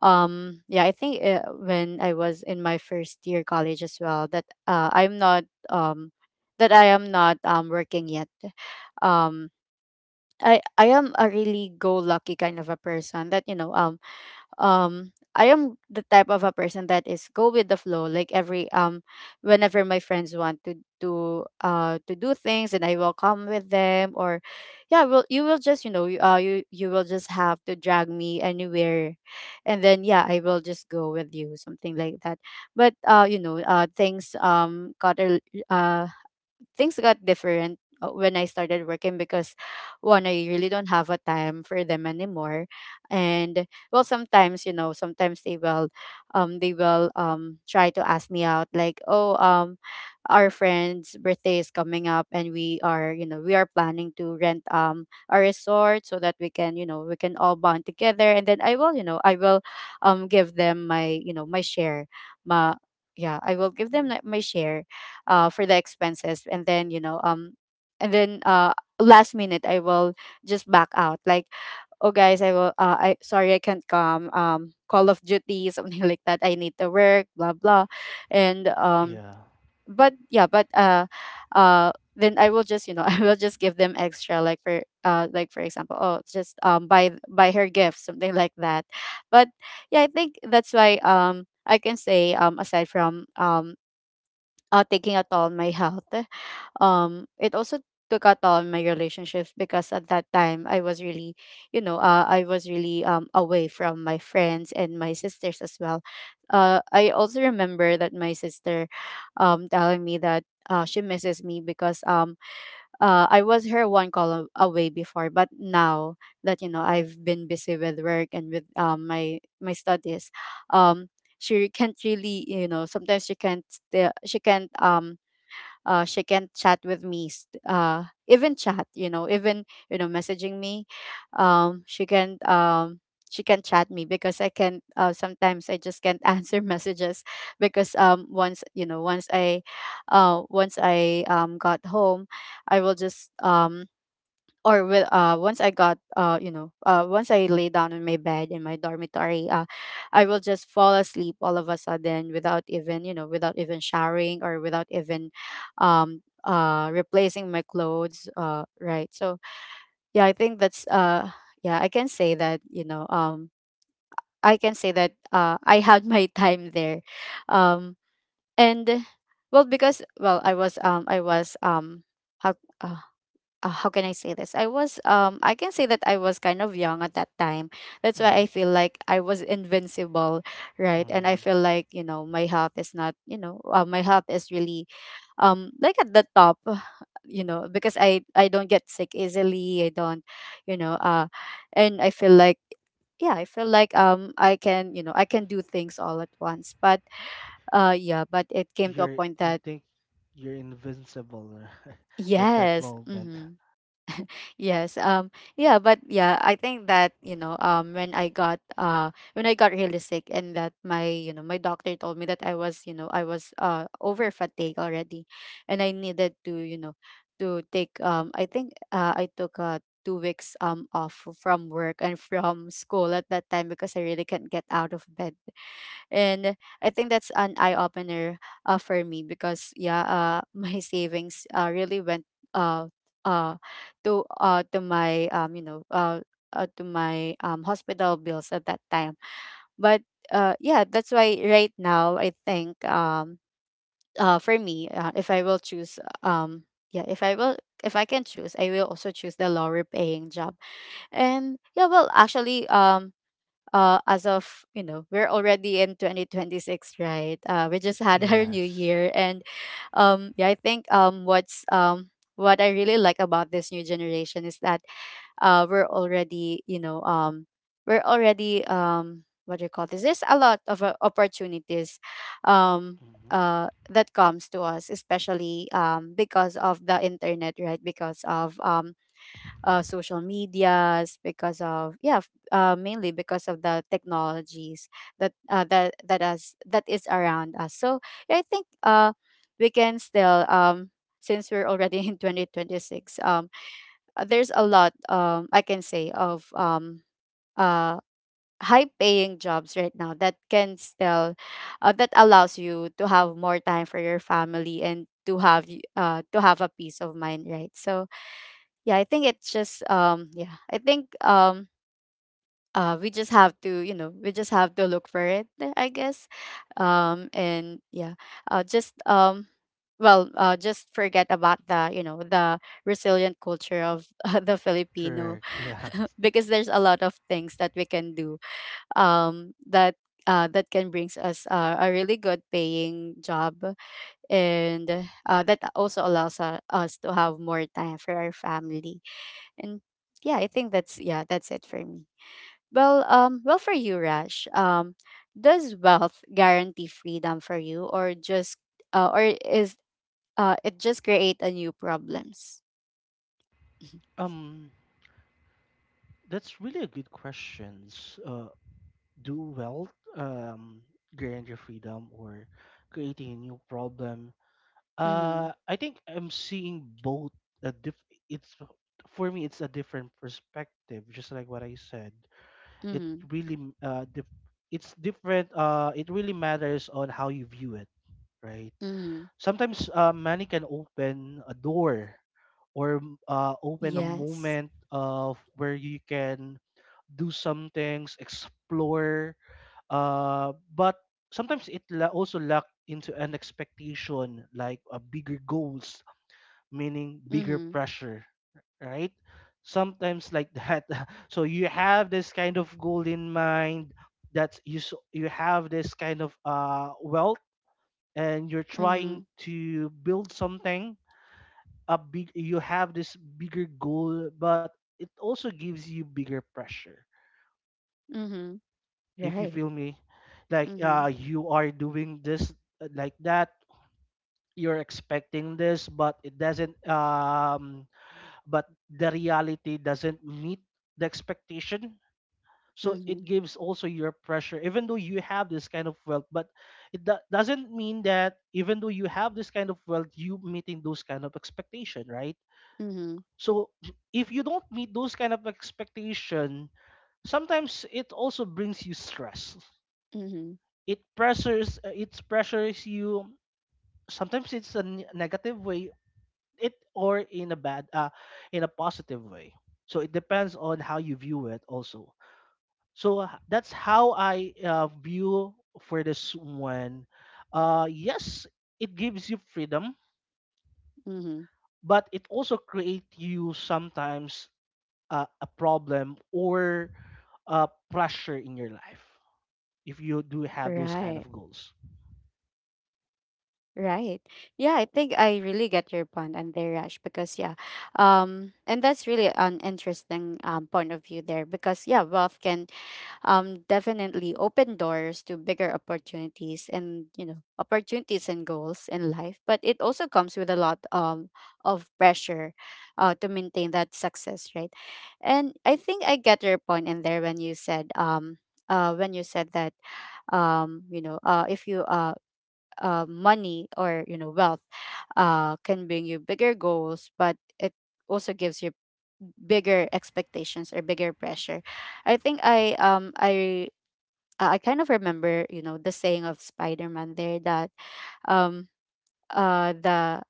A: yeah, I think, when I was in my first year college as well, that, I'm not that I am not working yet. um I am a really go lucky kind of a person, that, I am the type of a person that is go with the flow, like every whenever my friends want to, to do things, and I will come with them, or yeah, will you will just, you know, you will just have to drag me anywhere, and then yeah, I will just go with you, something like that. But you know, things got a uh things got different when I started working, because one, I really don't have a time for them anymore. And well, sometimes, you know, sometimes they will try to ask me out, like, "Oh, our friend's birthday is coming up and we are, you know, we are planning to rent a resort so that we can, you know, we can all bond together." And then I will, you know, I will give them my, you know, my share. My Yeah, I will give them like my share for the expenses and then last minute I will just back out like, "Oh guys, I will I sorry I can't come, Call of Duty," <laughs> something like that. I need to work, blah blah and
B: Yeah.
A: but yeah but uh then I will just <laughs> I will just give them extra, like for for example, "Oh, just buy buy her gift," something like that. But yeah, I think that's why, I can say, aside from taking a toll on my health, it also took out on my relationships, because at that time I was really, I was really away from my friends and my sisters as well. I also remember that my sister telling me that she misses me, because I was her one call away before, but now that you know I've been busy with work and with my my studies. um she can't really, you know, sometimes she can't she can't she can chat with me even chat, you know, even, you know, messaging me. She can she can chat me, because I can sometimes I just can't <laughs> answer messages. Because once, you know, once I got home, I will just or with once I got, once I lay down on my bed in my dormitory, I will just fall asleep all of a sudden without even, you know, without even showering or without even replacing my clothes, right? So yeah, I think that's yeah I can say that, I can say that I had <laughs> my time there. Um and well because Well, I was how uh, how can I say this? I was, I can say that I was kind of young at that time. That's why I
B: Hmm.
A: feel like I was invincible, right? And I
B: Mm.
A: feel like, you know, my health is not, you know, my health is really like at the top, <sighs> you know, because I don't get sick easily. I don't, you know, uh and I feel like, yeah, I feel like I can, you know, I can do things all at once. But yeah, but it came to a
B: You're
A: point
B: you
A: that,
B: think you're invincible <laughs> at that
A: yes.
B: moment.
A: Mhm. Yes. Yeah, I think that, you know, when I got really sick, and that my, you know, my doctor told me that I was, you know, I was over fatigued already, and I needed to, you know, to take, I think I took 2 weeks off from work and from school at that time, because I really can't get out of bed. And I think that's an eye opener for me, because yeah, <laughs> my savings really went uh, uh, to my to my, hospital bills at that time. But yeah, that's why right now I think, for me, if I will choose, yeah if i will if I can choose, I will also choose the lower paying job. And yeah, well actually, as of, you know, we're already in 2026, right? We just had <laughs> our new
B: Yes.
A: year. And yeah, I think, what I really like about this new generation is that we're already, you know, we're already what do you call this, there's a lot of opportunities um,
B: Hmm.
A: that comes to us, especially because of the internet, right? Because of social medias, because of yeah, mainly because of the technologies that is around us. So yeah, I think we can still since we're already <laughs> in 2026, there's a lot, I can say, of uh high paying jobs right now that can still that allows you to have more time for your family and to have to have a peace of mind, right? So yeah, I think it's just, yeah I think we just have to, you know, we just have to look for it, I guess. And Yeah, uh just um just forget about the, you know, the resilient culture of <laughs> the Filipino,
B: Correct. <laughs> Yeah.
A: because there's a lot of things that we can do, um that that can brings us a really good paying job, and that also allows us to have more time for our family. And yeah, I think that's, yeah, that's it for me. Well, well for you, Rash, does wealth guarantee freedom for you, or just or is it just create a new problems? Mm-hmm.
B: Um, that's really a good questions. Do wealth guarantee your freedom or creating a new problem?
A: Mm-hmm.
B: I think I'm seeing both, a diff it's for me it's a different perspective, just like what I said. It
A: Mm-hmm.
B: really m- dif it's different, it really matters on how you view it, right?
A: Mm-hmm.
B: Sometimes money can open a door, or open a
A: Yes.
B: moment of where you can do some things, explore, but sometimes it also luck into an expectation like a bigger goals, meaning bigger
A: Mm-hmm.
B: pressure, right? Sometimes like that. <laughs> So you have this kind of goal in mind that you have this kind of wealth and you're
A: Mm-hmm.
B: trying to build something, a big you have this bigger goal but it also gives you bigger pressure,
A: Mhm.
B: if you
A: Right.
B: feel me. Like
A: Mhm.
B: you are doing this, like that, you're expecting this but it doesn't but the reality doesn't meet the expectation. So it
A: Mhm.
B: gives also your pressure even though you have this kind of wealth, but it doesn't mean that even though you have this kind of wealth, you meeting those kind of expectation, right?
A: Mhm.
B: So if you don't meet those kind of expectation, sometimes it also brings you stress,
A: Mhm.
B: it pressures you. Sometimes it's a negative way, it or in a bad in a positive way. So it depends on how you view it also. So that's how I view for this one. Yes, it gives you freedom,
A: Mhm.
B: but it also create you sometimes a problem or pressure in your life, if you do have those kind
A: Right.
B: of goals.
A: Right. Yeah, I think I really get your point and their rush, because yeah. And that's really an interesting point of view there, because yeah, wealth can definitely open doors to bigger opportunities and, you know, opportunities and goals in life, but it also comes with a lot of pressure to maintain that success, right? And I think I get your point in there when you said, when you said that, you know if you money or, you know, wealth can bring you bigger goals, but it also gives you bigger expectations or bigger pressure. I think I kind of remember, you know, the saying of Spider-Man there that, um uh the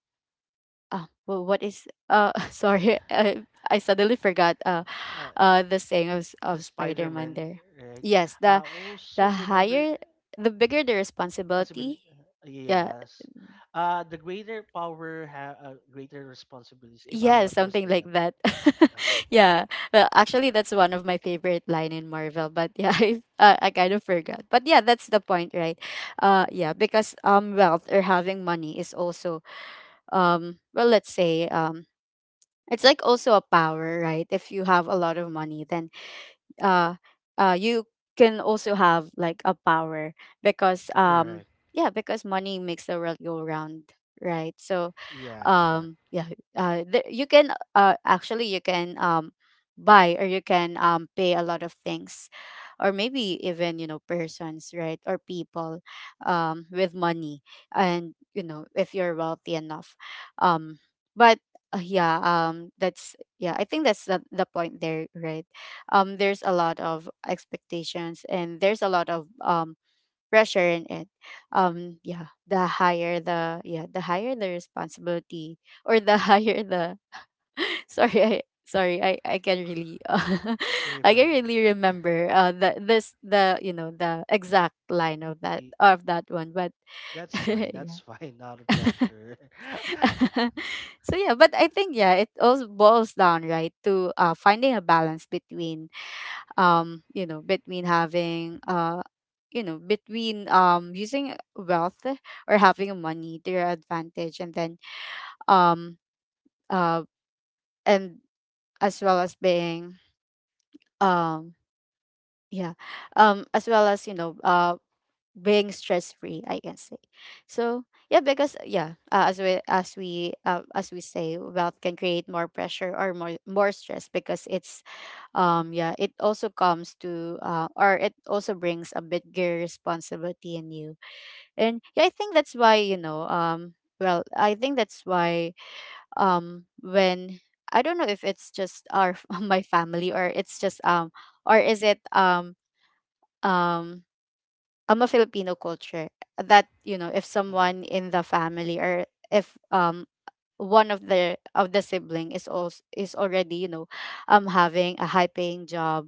A: what is, <laughs> sorry I suddenly forgot
B: Uh,
A: the saying of
B: the
A: of
B: Spider
A: Spider-Man
B: Man,
A: there.
B: right?
A: Yes,
B: I also
A: the
B: remember.
A: higher the bigger the
B: Possibility,
A: responsibility, yeah.
B: yes. The greater power have greater responsibilities, if I'm
A: Yes,
B: not
A: something
B: mistaken.
A: like that. <laughs>
B: Uh, uh,
A: Yeah. Well, actually, that's one of my favorite line in Marvel. But yeah, <laughs> I kind of forgot. But yeah, that's the point, right? Yeah, because wealth or having money is also, well, let's say, it's like also a power, right? If you have a lot of money, then uh, you can also have like a power because,
B: correct.
A: yeah, because money makes the world go round, right? So
B: Yes, correct.
A: um yeah there, you can actually you can buy or you can pay a lot of things, or maybe even, you know, persons, right, or people, with money, and you know, if you're wealthy enough. Um but Yeah, that's yeah, I think that's the point there, right? There's a lot of expectations and there's a lot of pressure in it. Yeah, the higher the responsibility, or the higher the <laughs> sorry I, sorry I can really <laughs>
B: Yeah,
A: I can
B: correct.
A: really remember the this the you know, the exact line of that,
B: Y-
A: of that one. But
B: That's
A: <laughs>
B: fine. That's
A: yeah.
B: fine. <laughs> Not a pressure. <laughs>
A: <laughs> So yeah, but I think, yeah, it also boils down, right, to finding a balance between, you know, between having you know, between using wealth or having money to your advantage, and then um uh and as well as being, um yeah as well as, you know, being stress free, I can say. So yeah, because yeah, as we say, wealth can create more pressure or more stress, because it's yeah, it also comes to, or it also brings a bigger responsibility in you. And yeah, I think that's why, you know, I think that's why, when, I don't know if it's just our <laughs> my family, or it's just or is it um I'm a Filipino culture, that you know if
B: Mhm.
A: someone in the family, or if one of the sibling is also is already, you know, having a high paying job,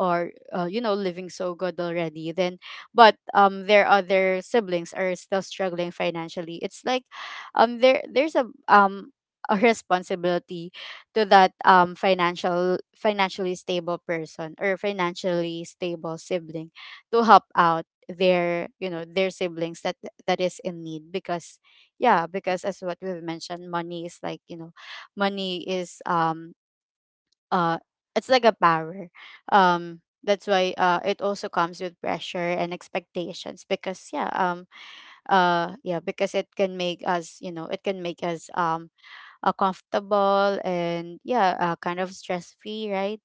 A: or you know, living so good already, then, but their other siblings are still struggling financially, it's like, there, there's a responsibility to that, financially stable person or financially stable sibling, to help out their, you know, their siblings that is in need, because yeah, because as what we've mentioned, money is like, you know, money is uh it's like a power, that's why it also comes with pressure and expectations, because yeah, yeah, because it can make us, you know, it can make us comfortable and yeah, kind of stress free, right?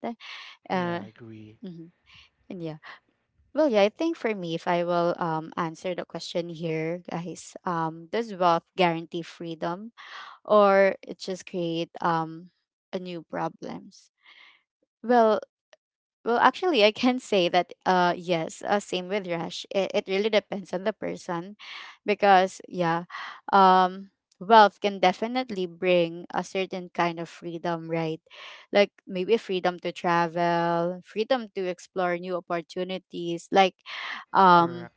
B: Yeah,
A: uh
B: I agree.
A: mhm. and yeah well yeah I think for me, if I will answer the question here, guys, does wealth guarantee freedom, or it just create a new problems? Well well actually, I can say that yes, same with Rush, it really depends on the person. Because yeah, um wealth can definitely bring a certain kind of freedom, right? Like maybe freedom to travel, freedom to explore new opportunities, like, um
B: Correct.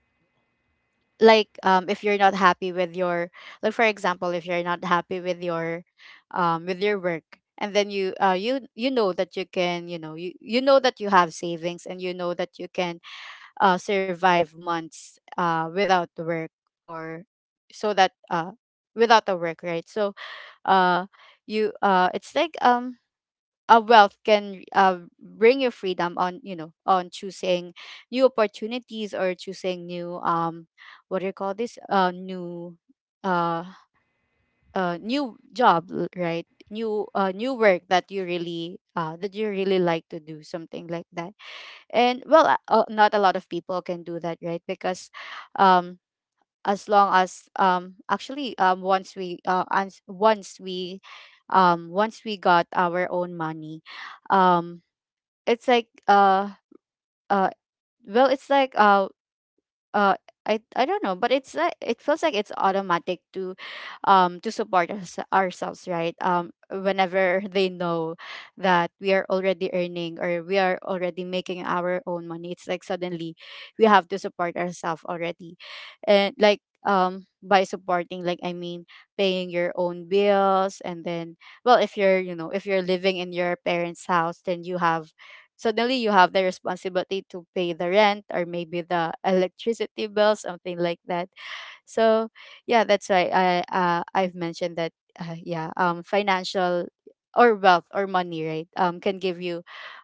A: like, if you're not happy with your, like, for example, if you're not happy with your, with your work, and then you you know that you can, you know, you know that you have savings, and you know that you can survive months without work, or so that without a work, right? So uh you it's like wealth can bring you freedom on, you know, on choosing new opportunities or choosing new, what do you call this, new, uh new job, right, new new work that you really like to do, something like that. And well, not a lot of people can do that, right? Because um as long as actually once we once we once we got our own money, um it's like uh well, it's like uh I don't know, but it's like it feels like it's automatic to, to support us, ourselves, right? Whenever they know that we are already earning, or we are already making our own money, it's like suddenly we have to support ourselves already. And like, by supporting, like, I mean, paying your own bills, and then, well, if you're, you know, if you're living in your parents house, then you have, suddenly you have the responsibility to pay the rent, or maybe the electricity bill, something like that. So yeah, that's why I I've mentioned that, yeah, financial or wealth or money, right, can give you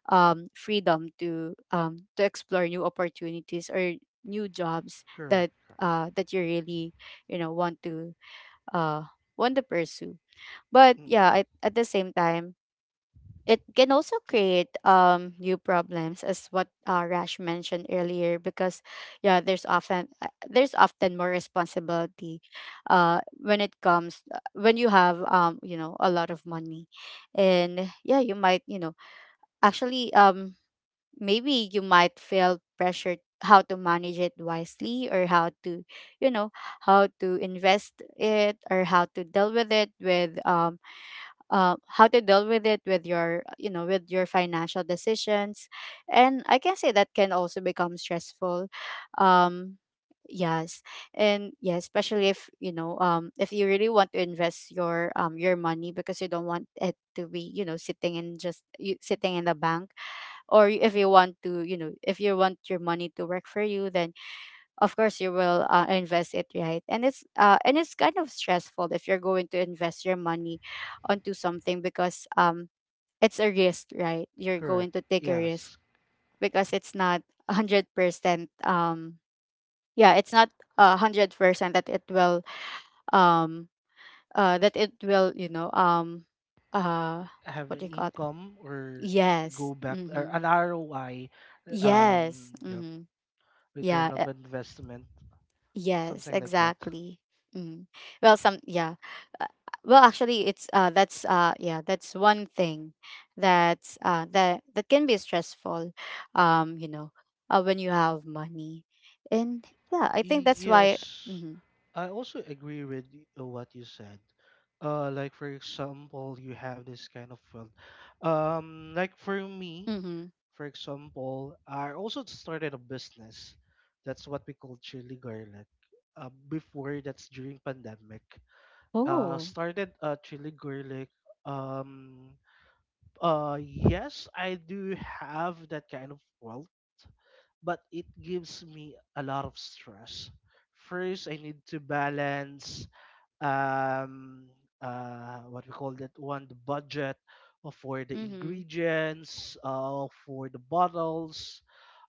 A: freedom to, to explore new opportunities or new jobs
B: Correct.
A: that
B: Correct.
A: that you really, you know, want to, uh want to pursue. But
B: Mm,
A: yeah, at the same time, it can also create, new problems, as what Rash mentioned earlier. Because yeah, there's often more responsibility, when it comes, when you have, you know, a lot of money, and yeah, you might, you know, actually, maybe you might feel pressured how to manage it wisely, or how to, you know, how to invest it, or how to deal with it with, how to deal with it with your, you know, with your financial decisions. And I can say that can also become stressful. um yes. And yeah, especially if, you know, if you really want to invest your money, because you don't want it to be, you know, sitting in just, sitting in the bank. Or if you want to, you know, if you want your money to work for you, then of course you will invest it, right? And it's and it's kind of stressful if you're going to invest your money onto something, because it's a risk, right? You're
B: correct.
A: going to take a risk.
B: Yes.
A: Because it's not 100%, um yeah, it's not a 100% that it will, um that it will, you know, uh
B: Have
A: what do
B: an
A: you call it?
B: income or
A: Yes.
B: go back or
A: Mhm.
B: an ROI,
A: Yes.
B: um, you know,
A: Mhm. Yeah.
B: return of investment,
A: Yes,
B: something like that.
A: exactly. Mm. Well, some, yeah. Uh, Well, actually, it's that's yeah, that's one thing, that's that can be stressful, you know, when you have money, and yeah, I think that's why.
B: Yes,
A: Mm-hmm.
B: I also agree with what you said. Like for example, you have this kind of world. Like for me,
A: Mm-hmm.
B: for example, I also started a business. That's what we call chili garlic. Before that's during pandemic.
A: Oh.
B: Started chili garlic. Um, yes, I do have that kind of world but it gives me a lot of stress. First, I need to balance, um, what we call that one, the budget for the
A: Mm-hmm.
B: ingredients, for the bottles.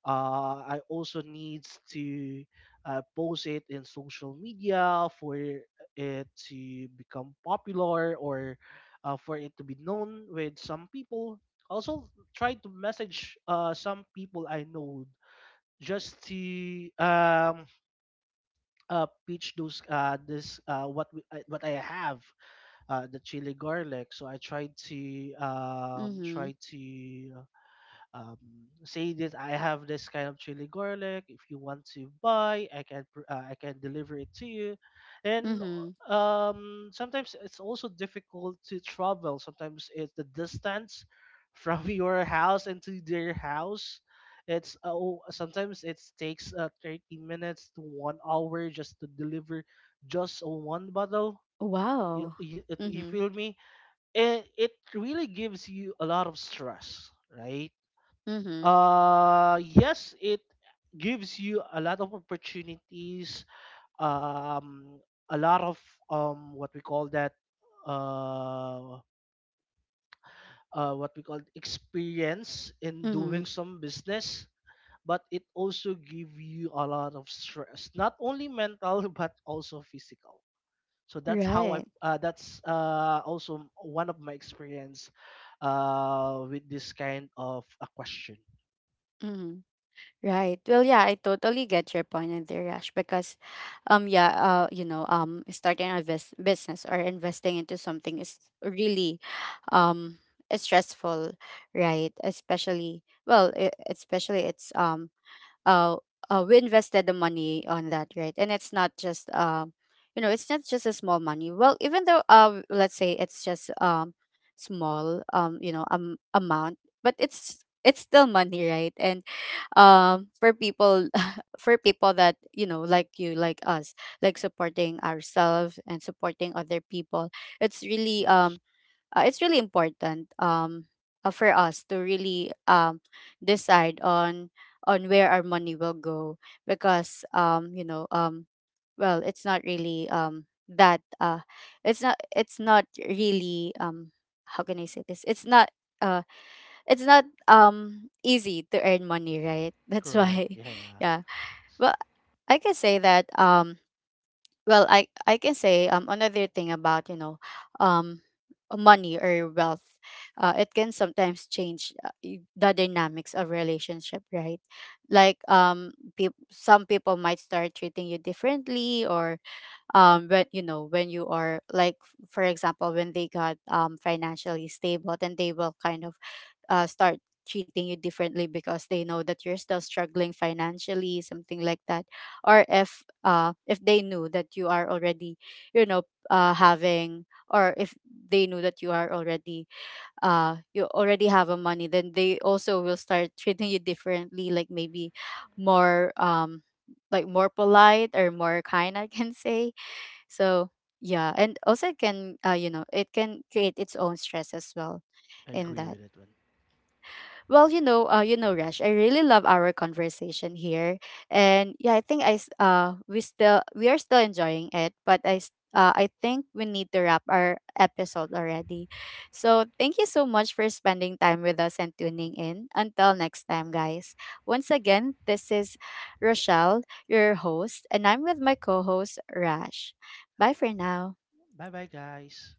B: I also needs to post it in social media for it to become popular, or for it to be known with some people. Also, try to message some people I know just to pitch those this what we, what I have, the chili garlic. So I tried to
A: Mm-hmm.
B: try to um, say that I have this kind of chili garlic. If you want to buy, I can I can deliver it to you. And
A: Mm-hmm.
B: sometimes it's also difficult to travel. Sometimes it's the distance from <laughs> your house into their house. It's oh, sometimes it takes 30 minutes to 1 hour just to deliver just one bottle. You,
A: Wow.
B: you, you
A: Mm-hmm.
B: feel me? It really gives you a lot of stress, right?
A: Mm-hmm.
B: Yes, it gives you a lot of opportunities, um, a lot of what we call that, uh, what we call experience in
A: Mm-hmm.
B: doing some business. But it also give you a lot of stress, not only mental <laughs> but also physical. So that's how I.
A: Right.
B: That's also one of my experience with this kind of a question.
A: Mm-hmm. Right. Well, yeah, I totally get your point in there, Yash, because yeah, you know, starting a business or investing into something is really, um, stressful, right? Especially, well, especially it's uh, we invested the money on that, right? And it's not just, you know, it's not just a small money. Well, even though, let's say it's just, small, you know, amount, but it's still money, right? And for people <laughs> for people that, you know, like you, like us, like supporting ourselves and supporting other people, it's really
B: Yes,
A: um it's really important, for us to really decide on where our money will go. Because you know, well, it's not really that it's not, it's not really, how can I say this? It's not, uh it's not easy to earn money, right? <laughs> That's
B: correct.
A: why,
B: Yeah.
A: yeah. But I can say that, well, I can say another thing about, you know, um money or wealth, it can sometimes change, the dynamics of relationship, right? Like, some people might start treating you differently, or when you know, when you are like, for example, when they got financially stable, then they will kind of start treating you differently, because they know that you're still struggling financially, something like that. Or if they knew that you are already, you know, having, or if they knew that you are already you already have a money, then they also will start treating you differently, like maybe more, like more polite or more kind, I can <laughs> say. So yeah, and also it can, you know, it can create its own stress as well,
B: I
A: in
B: agree
A: that.
B: with that one.
A: Well, you know, Rush, I really love our conversation here, and yeah, I think we are still enjoying it, but I think we need to wrap our episode already. So thank you so much for spending time with us and tuning in. Until next time, guys. Once again, this is Rochelle, your host, and I'm with my co-host Rush. Bye for now.
B: Bye bye, guys.